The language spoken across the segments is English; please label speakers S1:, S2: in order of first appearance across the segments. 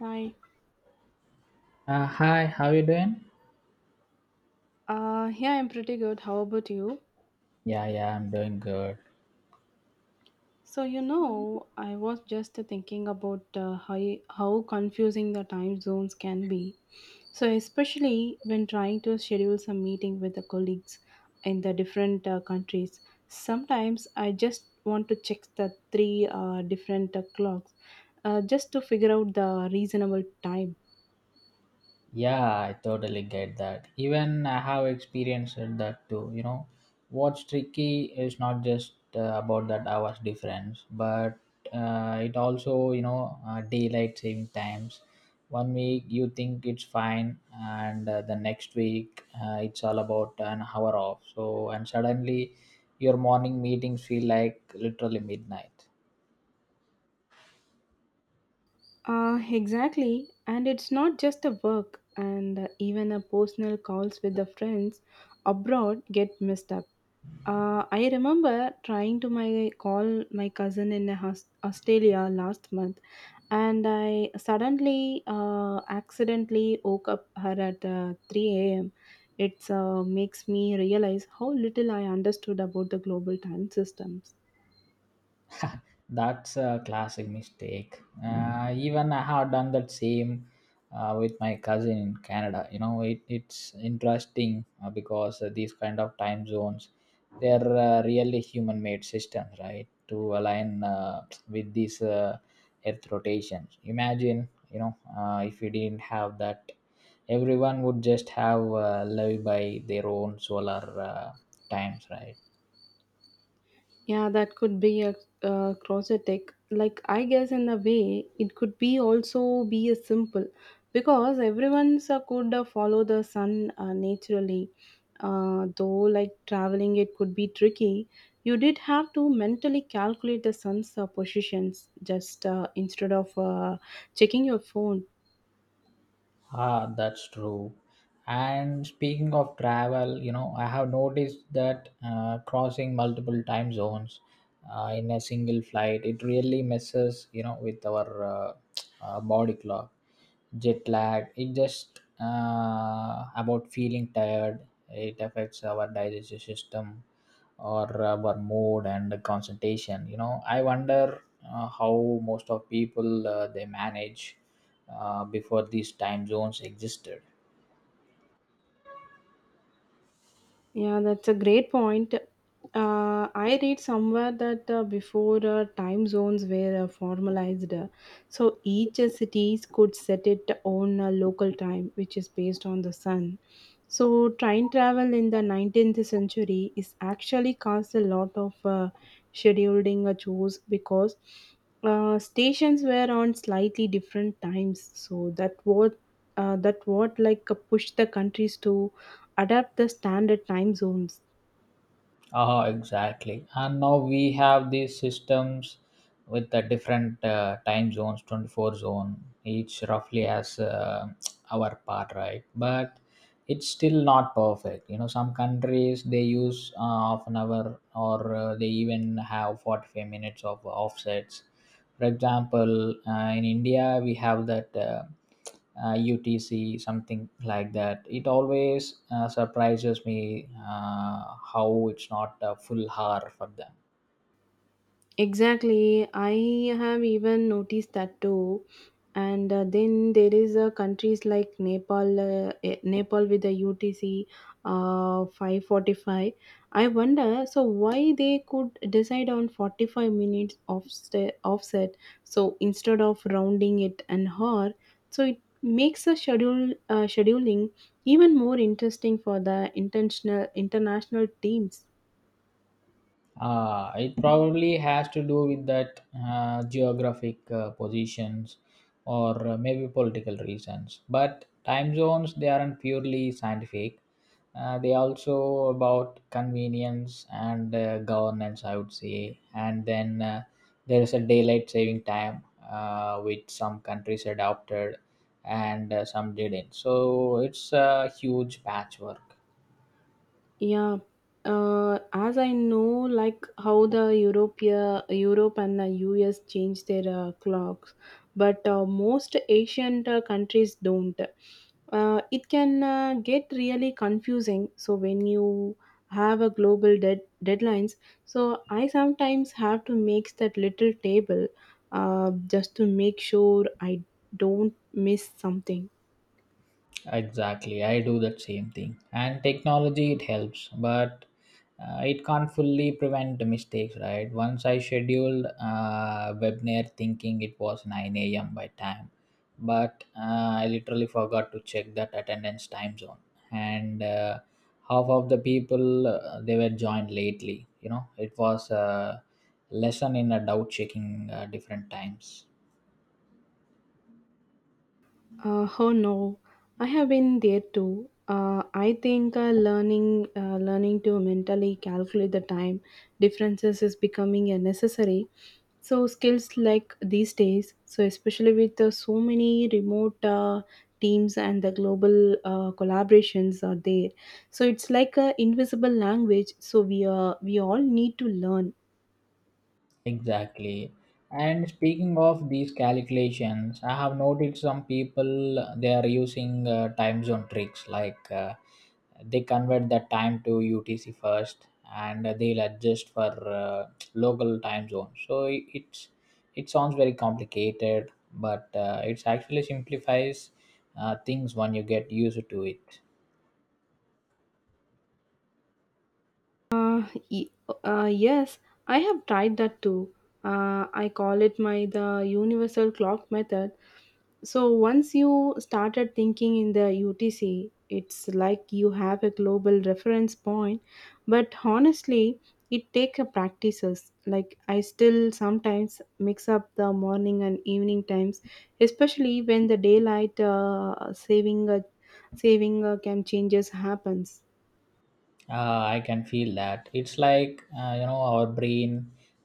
S1: Hi.
S2: Hi, how you doing?
S1: Yeah, I'm pretty good. How about you?
S2: Yeah, I'm doing good.
S1: So I was just thinking about how confusing the time zones can be. So, especially when trying to schedule some meeting with the colleagues in the different countries, sometimes I just want to check the three different clocks just to figure out the reasonable time.
S2: Yeah, I totally get that. Even I have experienced that too. You know, what's tricky is not just about that hours difference, but it also, daylight saving times. One week you think it's fine, and the next week it's all about an hour off. So, and suddenly your morning meetings feel like literally midnight.
S1: Exactly. And it's not just a work, and even a personal calls with the friends abroad get messed up. I remember trying to my call my cousin in a Australia last month, and I suddenly accidentally woke up her at 3 a.m. It makes me realize how little I understood about the global time systems.
S2: That's a classic mistake. Even I have done that same with my cousin in Canada. You know, it's interesting because these kind of time zones, they're really human-made systems, right? To align with these Earth rotations. Imagine, you know, if we didn't have that, everyone would just have live by their own solar times, right?
S1: Yeah, that could be a closetic. Like, I guess in a way, it could be also be a simple because everyone's could follow the sun naturally. Though, like traveling, it could be tricky. You did have to mentally calculate the sun's positions just instead of checking your phone.
S2: Ah, that's true. And speaking of travel, you know, I have noticed that crossing multiple time zones in a single flight, it really messes, you know, with our body clock, jet lag. It just about feeling tired. It affects our digestive system or our mood and concentration. You know, I wonder how most of people they manage before these time zones existed.
S1: Yeah, that's a great point. I read somewhere that before time zones were formalized, so each cities could set its own local time, which is based on the sun. So train travel in the 19th century is actually caused a lot of scheduling chores because stations were on slightly different times. That what like push the countries to adapt the standard time zones.
S2: Ah, exactly. And now we have these systems with the different time zones, 24 zone, each roughly has our part, right? But it's still not perfect, you know. Some countries they use half an hour, or they even have 45 minutes of offsets. For example, in india we have that utc something like that. It always surprises me how it's not a full hour for them.
S1: Exactly. I have even noticed that too. And then there is countries like Nepal, Nepal with the UTC 545. I wonder, so why they could decide on 45 minutes offset so instead of rounding it an hour. So it makes a schedule scheduling even more interesting for the intentional international teams.
S2: It probably has to do with that geographic positions, or maybe political reasons. But time zones, they aren't purely scientific. They also about convenience and governance, I would say. And then there is a daylight saving time, which some countries adopted and some didn't. So it's a huge patchwork.
S1: Yeah, as I know, like how the Europe and the US change their clocks, but most Asian countries don't. It can get really confusing. So when you have a global deadlines, so I sometimes have to make that little table, just to make sure I don't miss something.
S2: Exactly, I do that same thing. And technology it helps, but it can't fully prevent the mistakes, right? Once I scheduled webinar thinking it was 9 a.m. by time, but I literally forgot to check that attendance time zone, and half of the people they were joined lately. You know, it was a lesson in a doubt checking different times.
S1: Oh no, I have been there too. I think learning to mentally calculate the time differences is becoming a necessary. So skills like these days, so especially with so many remote teams and the global collaborations are there. So it's like a invisible language. So we all need to learn.
S2: Exactly. And speaking of these calculations, I have noticed some people they are using time zone tricks like they convert the time to UTC first and they'll adjust for local time zone. It sounds very complicated, but it's actually simplifies things when you get used to it.
S1: Uh, y- yes, I have tried that too. I call it my the universal clock method. So once you started thinking in the UTC, it's like you have a global reference point. But honestly, it takes practices. Like I still sometimes mix up the morning and evening times, especially when the daylight saving can changes happens.
S2: I can feel that. It's like, you know, our brain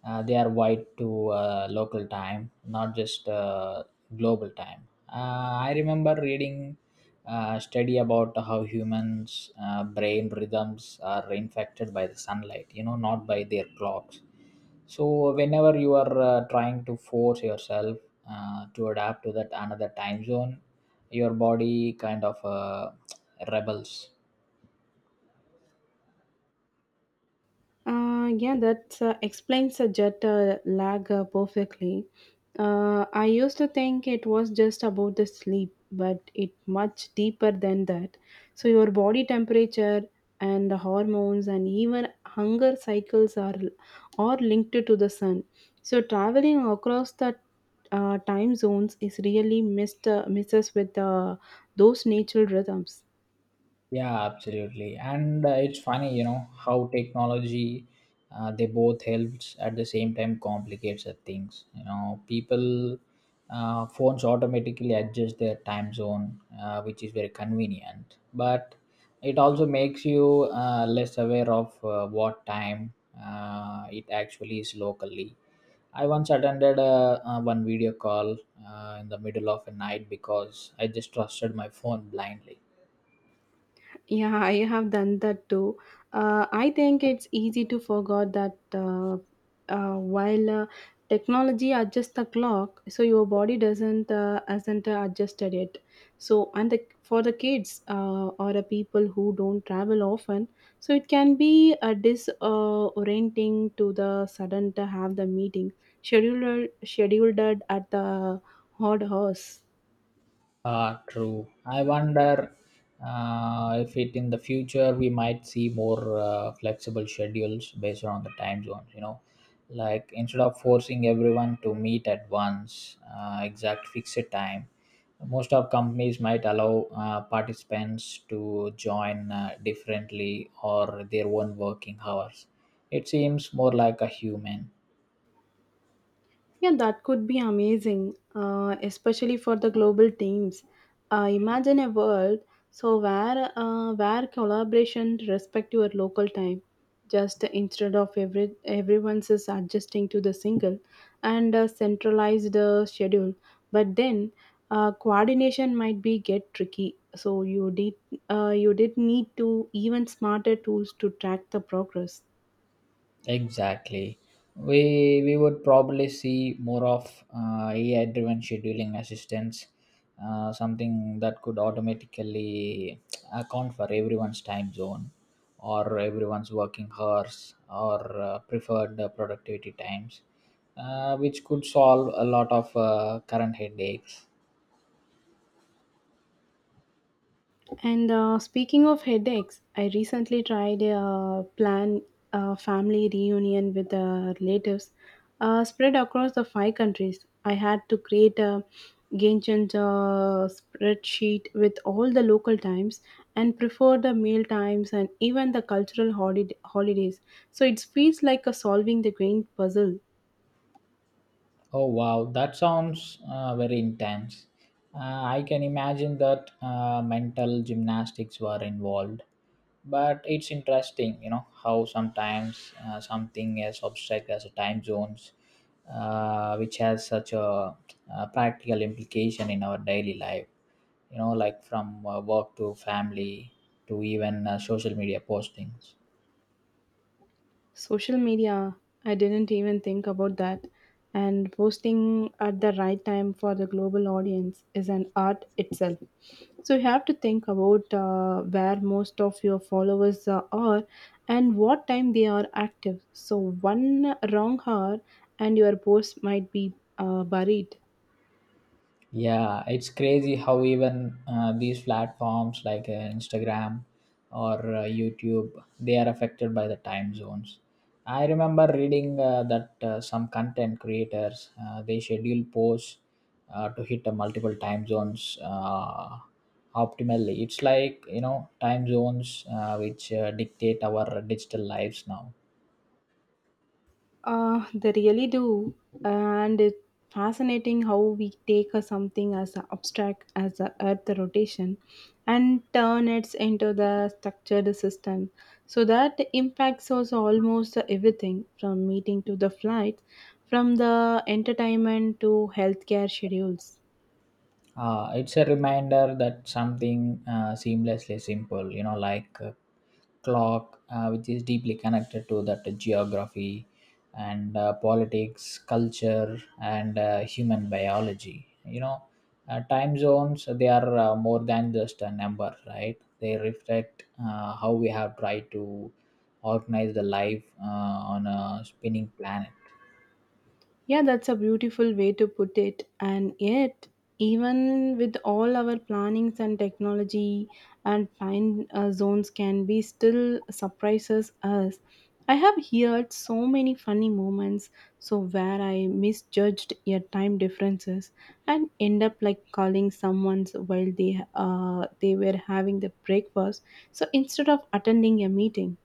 S2: they are wired to local time, not just global time. I remember reading a study about how humans brain rhythms are infected by the sunlight, you know, not by their clocks. So whenever you are trying to force yourself to adapt to that another time zone, your body kind of rebels.
S1: Yeah, that explains the jet lag perfectly. I used to think it was just about the sleep, but it much deeper than that. So your body temperature and the hormones and even hunger cycles are linked to the sun. So traveling across the time zones is really missed misses with those natural rhythms.
S2: Yeah, absolutely. And it's funny, you know, how technology they both helps at the same time complicates the things. You know, people phones automatically adjust their time zone, which is very convenient. But it also makes you less aware of what time it actually is locally. I once attended a one video call in the middle of a night because I just trusted my phone blindly.
S1: Yeah, I have done that too. I think it's easy to forget that while technology adjusts the clock, so your body doesn't hasn't adjusted it. So, for the kids or the people who don't travel often, so it can be disorienting to the sudden to have the meeting scheduled at the odd hours.
S2: Ah, true. I wonder if it in the future we might see more flexible schedules based on the time zones, you know, like instead of forcing everyone to meet at once, exact fixed time, most of companies might allow participants to join differently or their own working hours. It seems more like a human.
S1: Yeah, that could be amazing, especially for the global teams. Imagine a world where collaboration respect your local time, just instead of everyone's is adjusting to the single and centralized schedule. But then coordination might be get tricky, so you did need to even smarter tools to track the progress.
S2: Exactly. We would probably see more of AI driven scheduling assistance, something that could automatically account for everyone's time zone or everyone's working hours or preferred productivity times, which could solve a lot of current headaches.
S1: And speaking of headaches, I recently tried a plan a family reunion with relatives spread across the five countries. I had to create a Gantt spreadsheet with all the local times and prefer the meal times and even the cultural holidays. So it feels like a solving the grand puzzle.
S2: Oh wow, that sounds very intense. Uh, I can imagine that mental gymnastics were involved, but it's interesting, you know, how sometimes something as abstract as time zones which has such a, practical implication in our daily life, you know, like from work to family to even social media postings.
S1: Social media, I didn't even think about that. And posting at the right time for the global audience is an art itself. So you have to think about where most of your followers are and what time they are active. So one wrong hour and your post might be buried.
S2: Yeah, it's crazy how even these platforms like Instagram or YouTube, they are affected by the time zones. I remember reading that some content creators they schedule posts to hit multiple time zones optimally. It's like, you know, time zones which dictate our digital lives now.
S1: They really do, and it's fascinating how we take a something as a abstract as the Earth rotation and turn it into the structured system. So that impacts us almost everything from meeting to the flights, from the entertainment to healthcare schedules.
S2: It's a reminder that something seamlessly simple, you know, like clock, which is deeply connected to that geography and politics, culture, and human biology. You know, time zones they are more than just a number, right? They reflect how we have tried to organize the life on a spinning planet.
S1: Yeah, that's a beautiful way to put it. And yet, even with all our plannings and technology and fine zones can be still surprises us. I have heard so many funny moments so where I misjudged your time differences and end up like calling someone's while they were having the breakfast so instead of attending a meeting.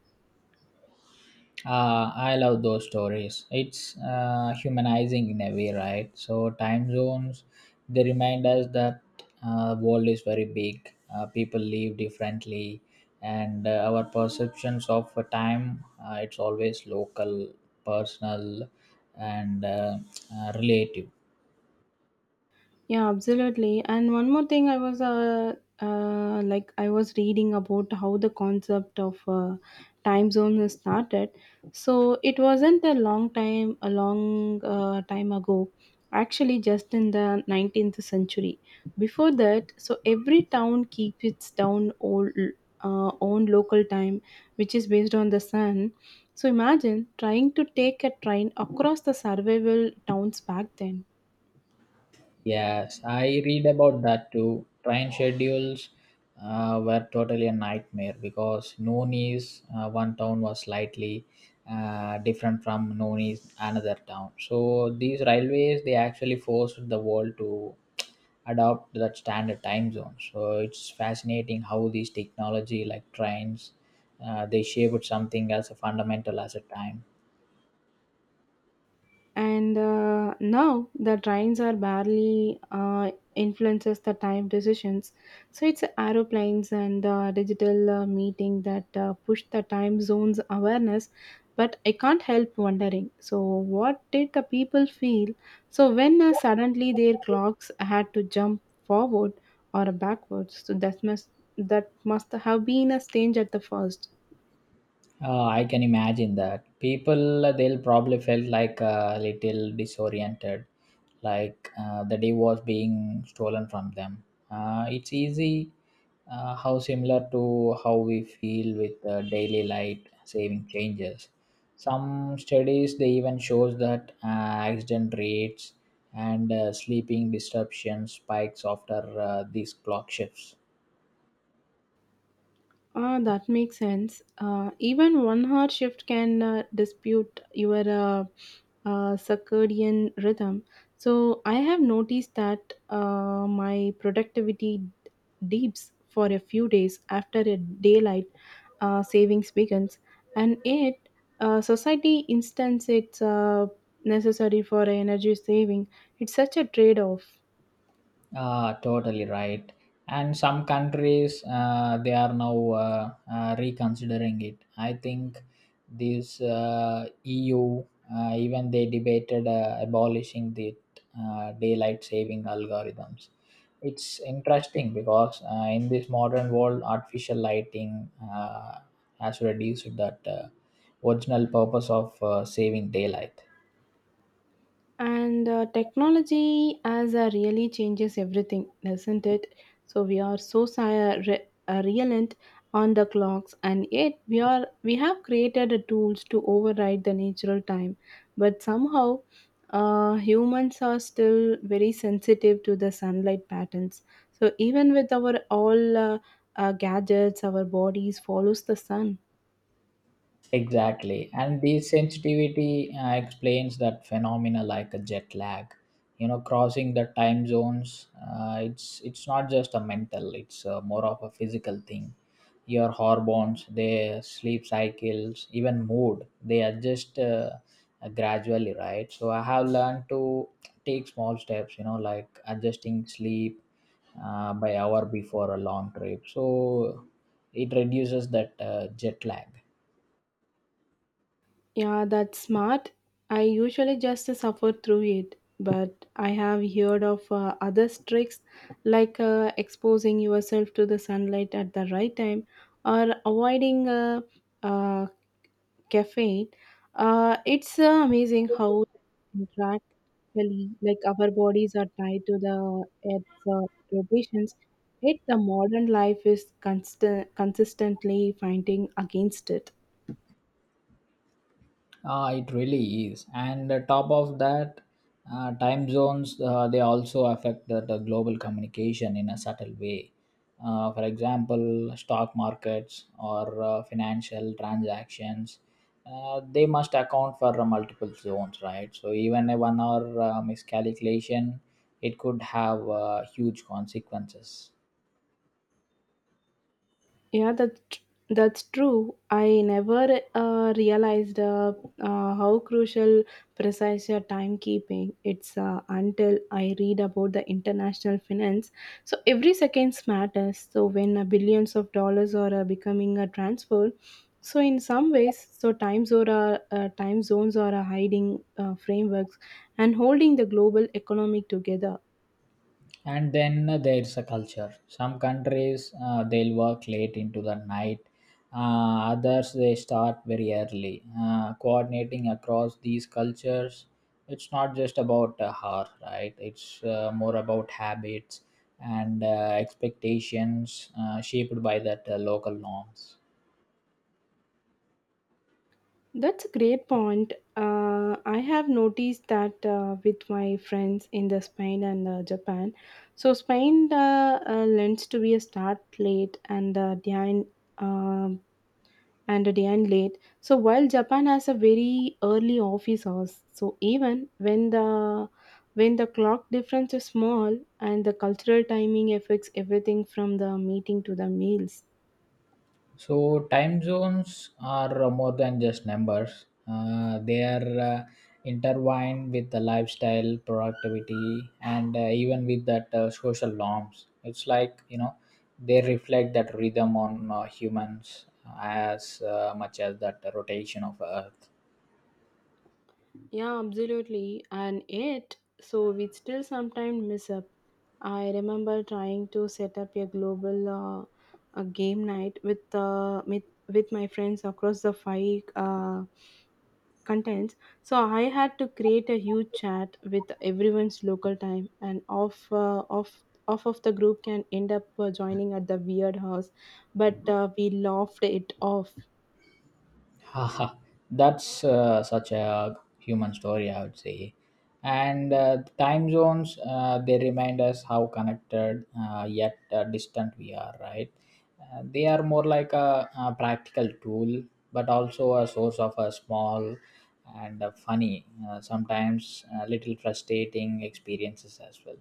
S2: I love those stories. It's humanizing in a way, right? So time zones, they remind us that world is very big. People live differently, and our perceptions of time, it's always local, personal, and relative.
S1: Yeah, absolutely. And one more thing, I was like I was reading about how the concept of time zone has started. So it wasn't a long time ago. Actually, just in the 19th century. Before that, so every town keeps own local time, which is based on the sun. So imagine trying to take a train across the survival towns back then.
S2: Yes, I read about that too. Train schedules were totally a nightmare because Nooni's one town was slightly different from Nooni's another town. So these railways they actually forced the world to adopt that standard time zone. So it's fascinating how these technology like trains they shaped something as a fundamental as a time.
S1: And now the trains are barely influences the time decisions, so it's aeroplanes and digital meeting that push the time zones awareness. But I can't help wondering so what did the people feel so when suddenly their clocks had to jump forward or backwards, so that must have been a strange at the first.
S2: I can imagine that people they'll probably felt like a little disoriented, like the day was being stolen from them. It's easy how similar to how we feel with daily light saving changes. Some studies they even shows that accident rates and sleeping disruptions spikes after these clock shifts.
S1: Ah, that makes sense. Even 1 hour shift can dispute your circadian rhythm. So I have noticed that my productivity dips for a few days after a daylight savings begins, and yet society instance it's necessary for energy saving. It's such a trade-off.
S2: Ah, totally right. And some countries, they are now reconsidering it. I think this EU, even they debated abolishing the daylight saving algorithms. It's interesting because in this modern world, artificial lighting has reduced that original purpose of saving daylight.
S1: And technology as a really changes everything, doesn't it? So we are reliant on the clocks, and yet we have created the tools to override the natural time. But somehow, humans are still very sensitive to the sunlight patterns. So even with our all gadgets, our bodies follows the sun.
S2: Exactly. And this sensitivity explains that phenomena like a jet lag. You know, crossing the time zones, it's not just a mental, it's more of a physical thing. Your hormones, their sleep cycles, even mood, they adjust gradually, right? So I have learned to take small steps, you know, like adjusting sleep by hour before a long trip. So it reduces that jet lag.
S1: Yeah, that's smart. I usually just suffer through it, but I have heard of other tricks like exposing yourself to the sunlight at the right time or avoiding uh, caffeine. It's amazing how interactively like our bodies are tied to the earth's rotations. Yet the modern life is consistently fighting against it.
S2: It really is. And top of that, time zones they also affect the global communication in a subtle way. For example, stock markets or financial transactions, they must account for multiple zones, right? So even a one-hour miscalculation, it could have huge consequences.
S1: Yeah, that that's true. I never realized how crucial precise timekeeping it's until I read about the international finance. So every seconds matters. So when billions of dollars are becoming a transfer, so in some ways, so times or time zones are a hiding frameworks and holding the global economic together.
S2: And then there's a culture. Some countries they'll work late into the night, others they start very early. Coordinating across these cultures, it's not just about a hour, right? It's more about habits and expectations shaped by that local norms.
S1: That's a great point. I have noticed that with my friends in the Spain and Japan. So Spain lends to be a start late and behind um, and a behind late. So while Japan has a very early office hours, so even when the clock difference is small and the cultural timing affects everything from the meeting to the meals.
S2: So time zones are more than just numbers. They are intertwined with the lifestyle, productivity, and even with that social norms. It's like, you know, they reflect that rhythm on humans as much as that rotation of Earth.
S1: Yeah, absolutely. And yet, so we still sometimes miss up. I remember trying to set up a global a game night with with my friends across the five contents. So I had to create a huge chat with everyone's local time, and off of the group can end up joining at the weird house, but we laughed it off.
S2: Haha, that's such a human story, I would say. And time zones, they remind us how connected yet distant we are, right? They are more like a practical tool, but also a source of a small and funny, sometimes little frustrating experiences as well.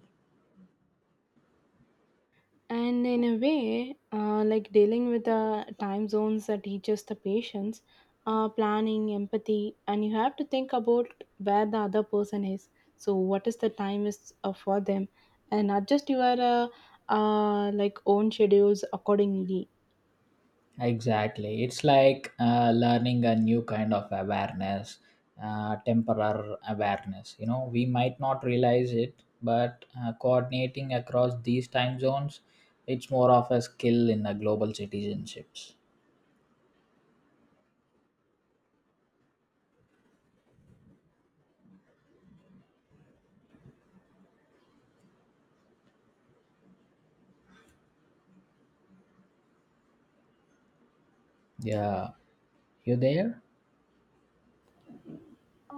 S1: And in a way, like dealing with the time zones that teaches the patience, planning, empathy, and you have to think about where the other person is. So, what is the time is for them, and adjust your own schedules accordingly.
S2: Exactly. It's like learning a new kind of awareness, temporal awareness. You know, we might not realize it, but coordinating across these time zones, it's more of a skill in a global citizenships. Yeah. You there?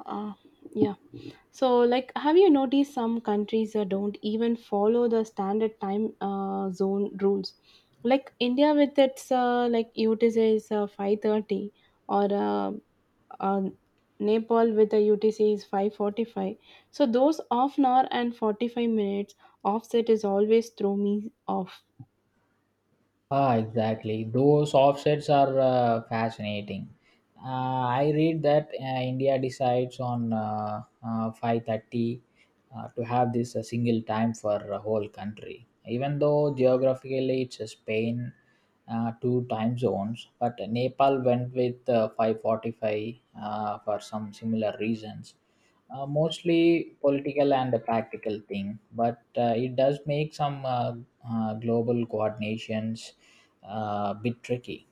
S1: Uh, yeah. So, like, have you noticed some countries don't even follow the standard time zone rules? Like India with its like UTC is 5:30, or uh, Nepal with the UTC is 5:45. So those half an hour and 45 minutes offset is always throw me off.
S2: Ah, exactly. Those offsets are fascinating. Uh, I read that India decides on 5:30 to have this a single time for a whole country. Even though geographically it's a Spain, two time zones, but Nepal went with 5:45 for some similar reasons. Mostly political and a practical thing, but it does make some global coordinations bit tricky.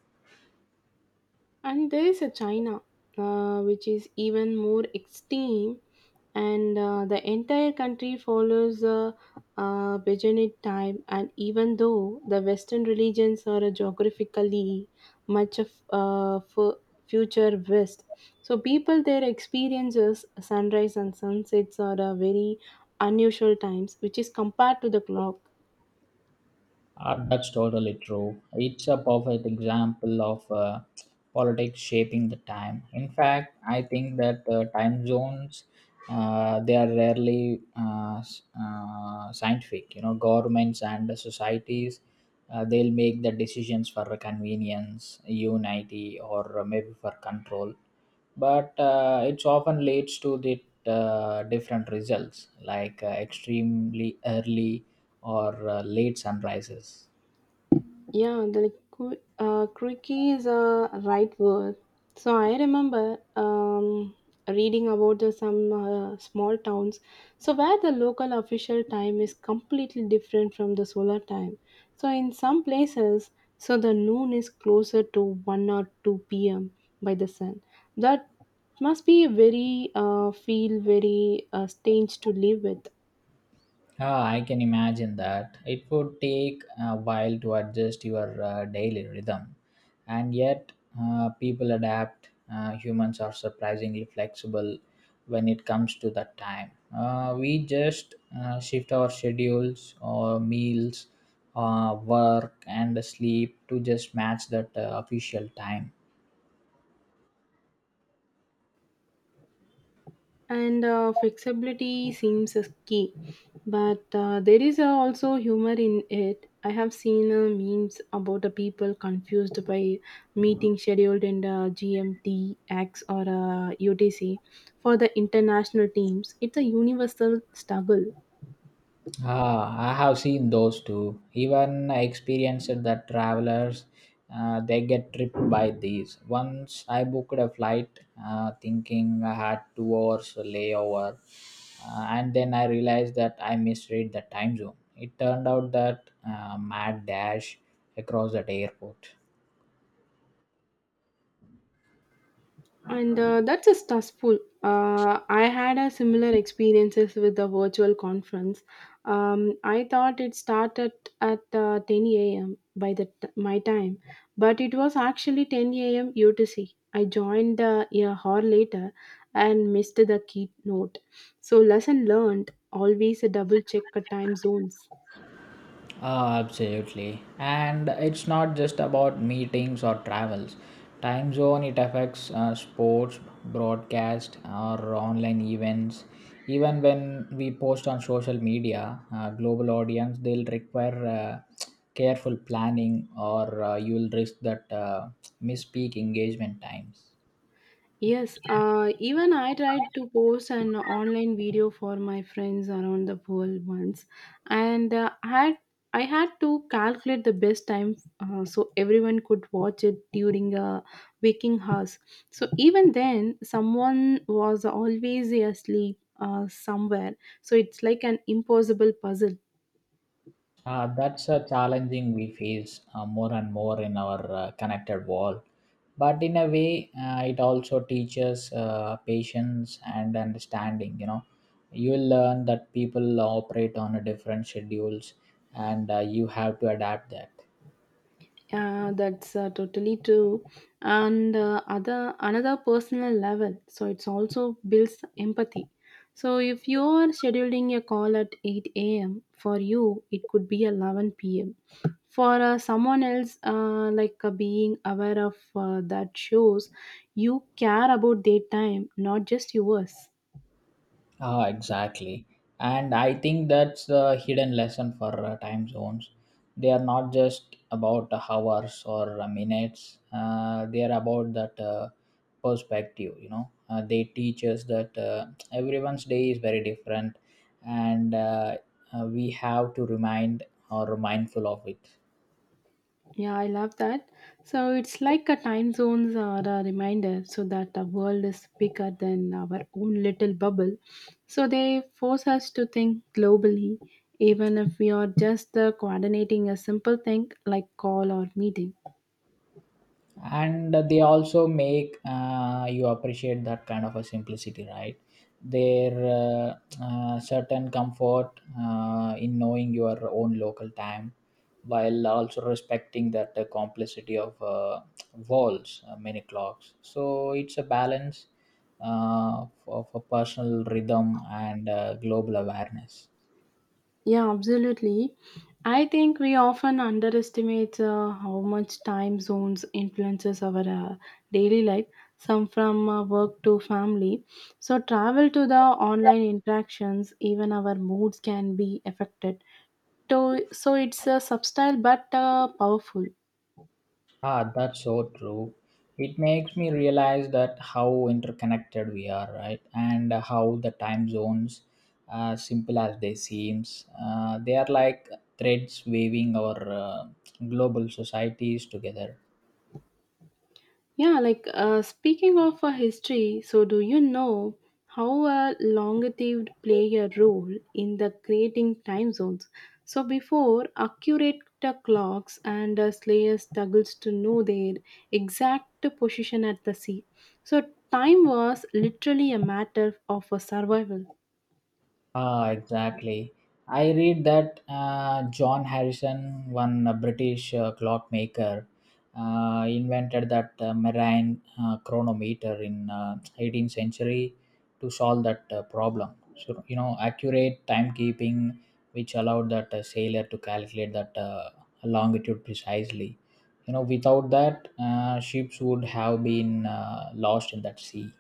S1: And there is a China, which is even more extreme and the entire country follows the Bejanit time. And even though the Western religions are geographically much of future West, so people their experiences sunrise and sunsets are very unusual times, which is compared to the clock.
S2: That's totally true. It's a perfect example of politics shaping the time. In fact, I think that time zones they are rarely scientific. You know, governments and the societies they'll make the decisions for convenience, unity, or maybe for control but it's often leads to the different results like extremely early or late sunrises.
S1: Yeah, quirky is a right word. So I remember reading about some small towns, so where the local official time is completely different from the solar time. So in some places, so the noon is closer to one or two p.m. by the sun. That must be a very feel very strange to live with.
S2: Ah, I can imagine that. It would take a while to adjust your daily rhythm. And yet, people adapt. Humans are surprisingly flexible when it comes to that time. We just shift our schedules or meals, work, and sleep to just match that official time.
S1: And flexibility seems as key, but there is also humor in it. I have seen memes about the people confused by meeting scheduled in the GMT X or UTC. For the international teams, it's a universal struggle.
S2: Ah, I have seen those too. Even experienced that travelers, they get tripped by these. Once I booked a flight, thinking I had 2 hours layover, and then I realized that I misread the time zone. It turned out that mad dash across that airport.
S1: And that's a stressful. I had a similar experiences with the virtual conference. I thought it started at 10 a.m by my time, but it was actually 10 a.m UTC. I joined a hour later and missed the keynote. So lesson learned, always double check the time zones.
S2: Ah, absolutely. And it's not just about meetings or travels. Time zone, it affects sports, broadcast, or online events. Even when we post on social media, global audience, they'll require uh, careful planning or you'll risk that misspeak engagement times.
S1: Yes, even I tried to post an online video for my friends around the world once, and I had to calculate the best time so everyone could watch it during a waking hours. So even then, someone was always asleep somewhere. So it's like an impossible puzzle.
S2: That's a challenging we face more and more in our connected world. But in a way, it also teaches patience and understanding. You know, you will learn that people operate on a different schedules, and you have to adapt that.
S1: Yeah, that's totally true. And other another personal level, so it's also builds empathy. So if you are scheduling a call at 8 a.m. for you, it could be 11 p.m. For someone else, being aware of that shows you care about their time, not just yours.
S2: Ah, exactly. And I think that's the hidden lesson for time zones. They are not just about hours or minutes. They are about that perspective. You know, they teach us that everyone's day is very different, and we have to remind or mindful of it.
S1: Yeah, I love that. So it's like a time zones are a reminder so that the world is bigger than our own little bubble. So they force us to think globally, even if we are just coordinating a simple thing like call or meeting.
S2: And they also make you appreciate that kind of a simplicity, right? Their certain comfort in knowing your own local time while also respecting that complexity of walls many clocks, so it's a balance of a personal rhythm and global awareness.
S1: Yeah, absolutely. I think we often underestimate how much time zones influences our daily life, some from work to family. So travel to the online interactions, even our moods can be affected. So it's subtle but powerful.
S2: Ah, that's so true. It makes me realize that how interconnected we are, right? And how the time zones, simple as they seems, they are like threads weaving our global societies together.
S1: Yeah, like speaking of history, so do you know how longitude play a role in the creating time zones? So before, accurate clocks and slayers struggles to know their exact position at the sea. So time was literally a matter of survival.
S2: Ah, exactly. I read that John Harrison, one British clockmaker, invented that marine chronometer in 18th century to solve that problem. So you know, accurate timekeeping, which allowed that sailor to calculate that longitude precisely. You know, without that, ships would have been lost in that sea.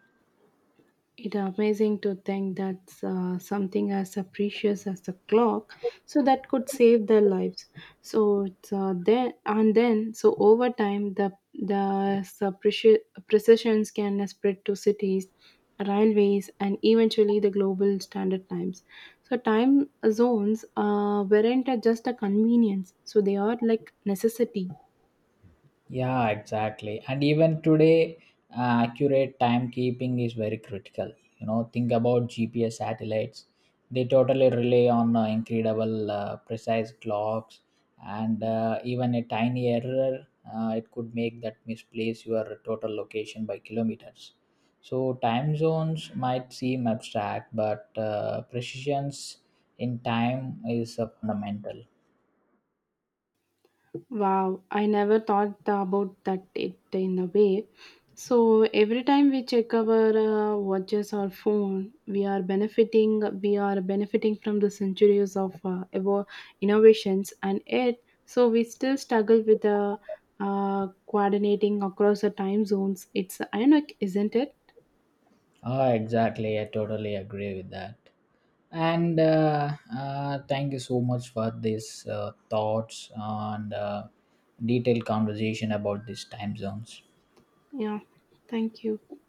S1: It's amazing to think that something as precious as the clock, so that could save their lives. So it's, then, so over time, uh, preci- precisions can spread to cities, railways, and eventually the global standard times. So time zones weren't just a convenience; so they are like necessity.
S2: Yeah, exactly. And even today, accurate timekeeping is very critical. You know, think about GPS satellites. They totally rely on incredible precise clocks, and even a tiny error, it could make that misplace your total location by kilometers. So time zones might seem abstract, but precisions in time is fundamental.
S1: Wow, I never thought about that it in a way. So every time we check our watches or phone, we are benefiting. We are benefiting from the centuries of innovations, and yet so we still struggle with the coordinating across the time zones. It's ironic, isn't it?
S2: Ah, exactly. I totally agree with that. And thank you so much for this thoughts and detailed conversation about these time zones.
S1: Yeah. Thank you.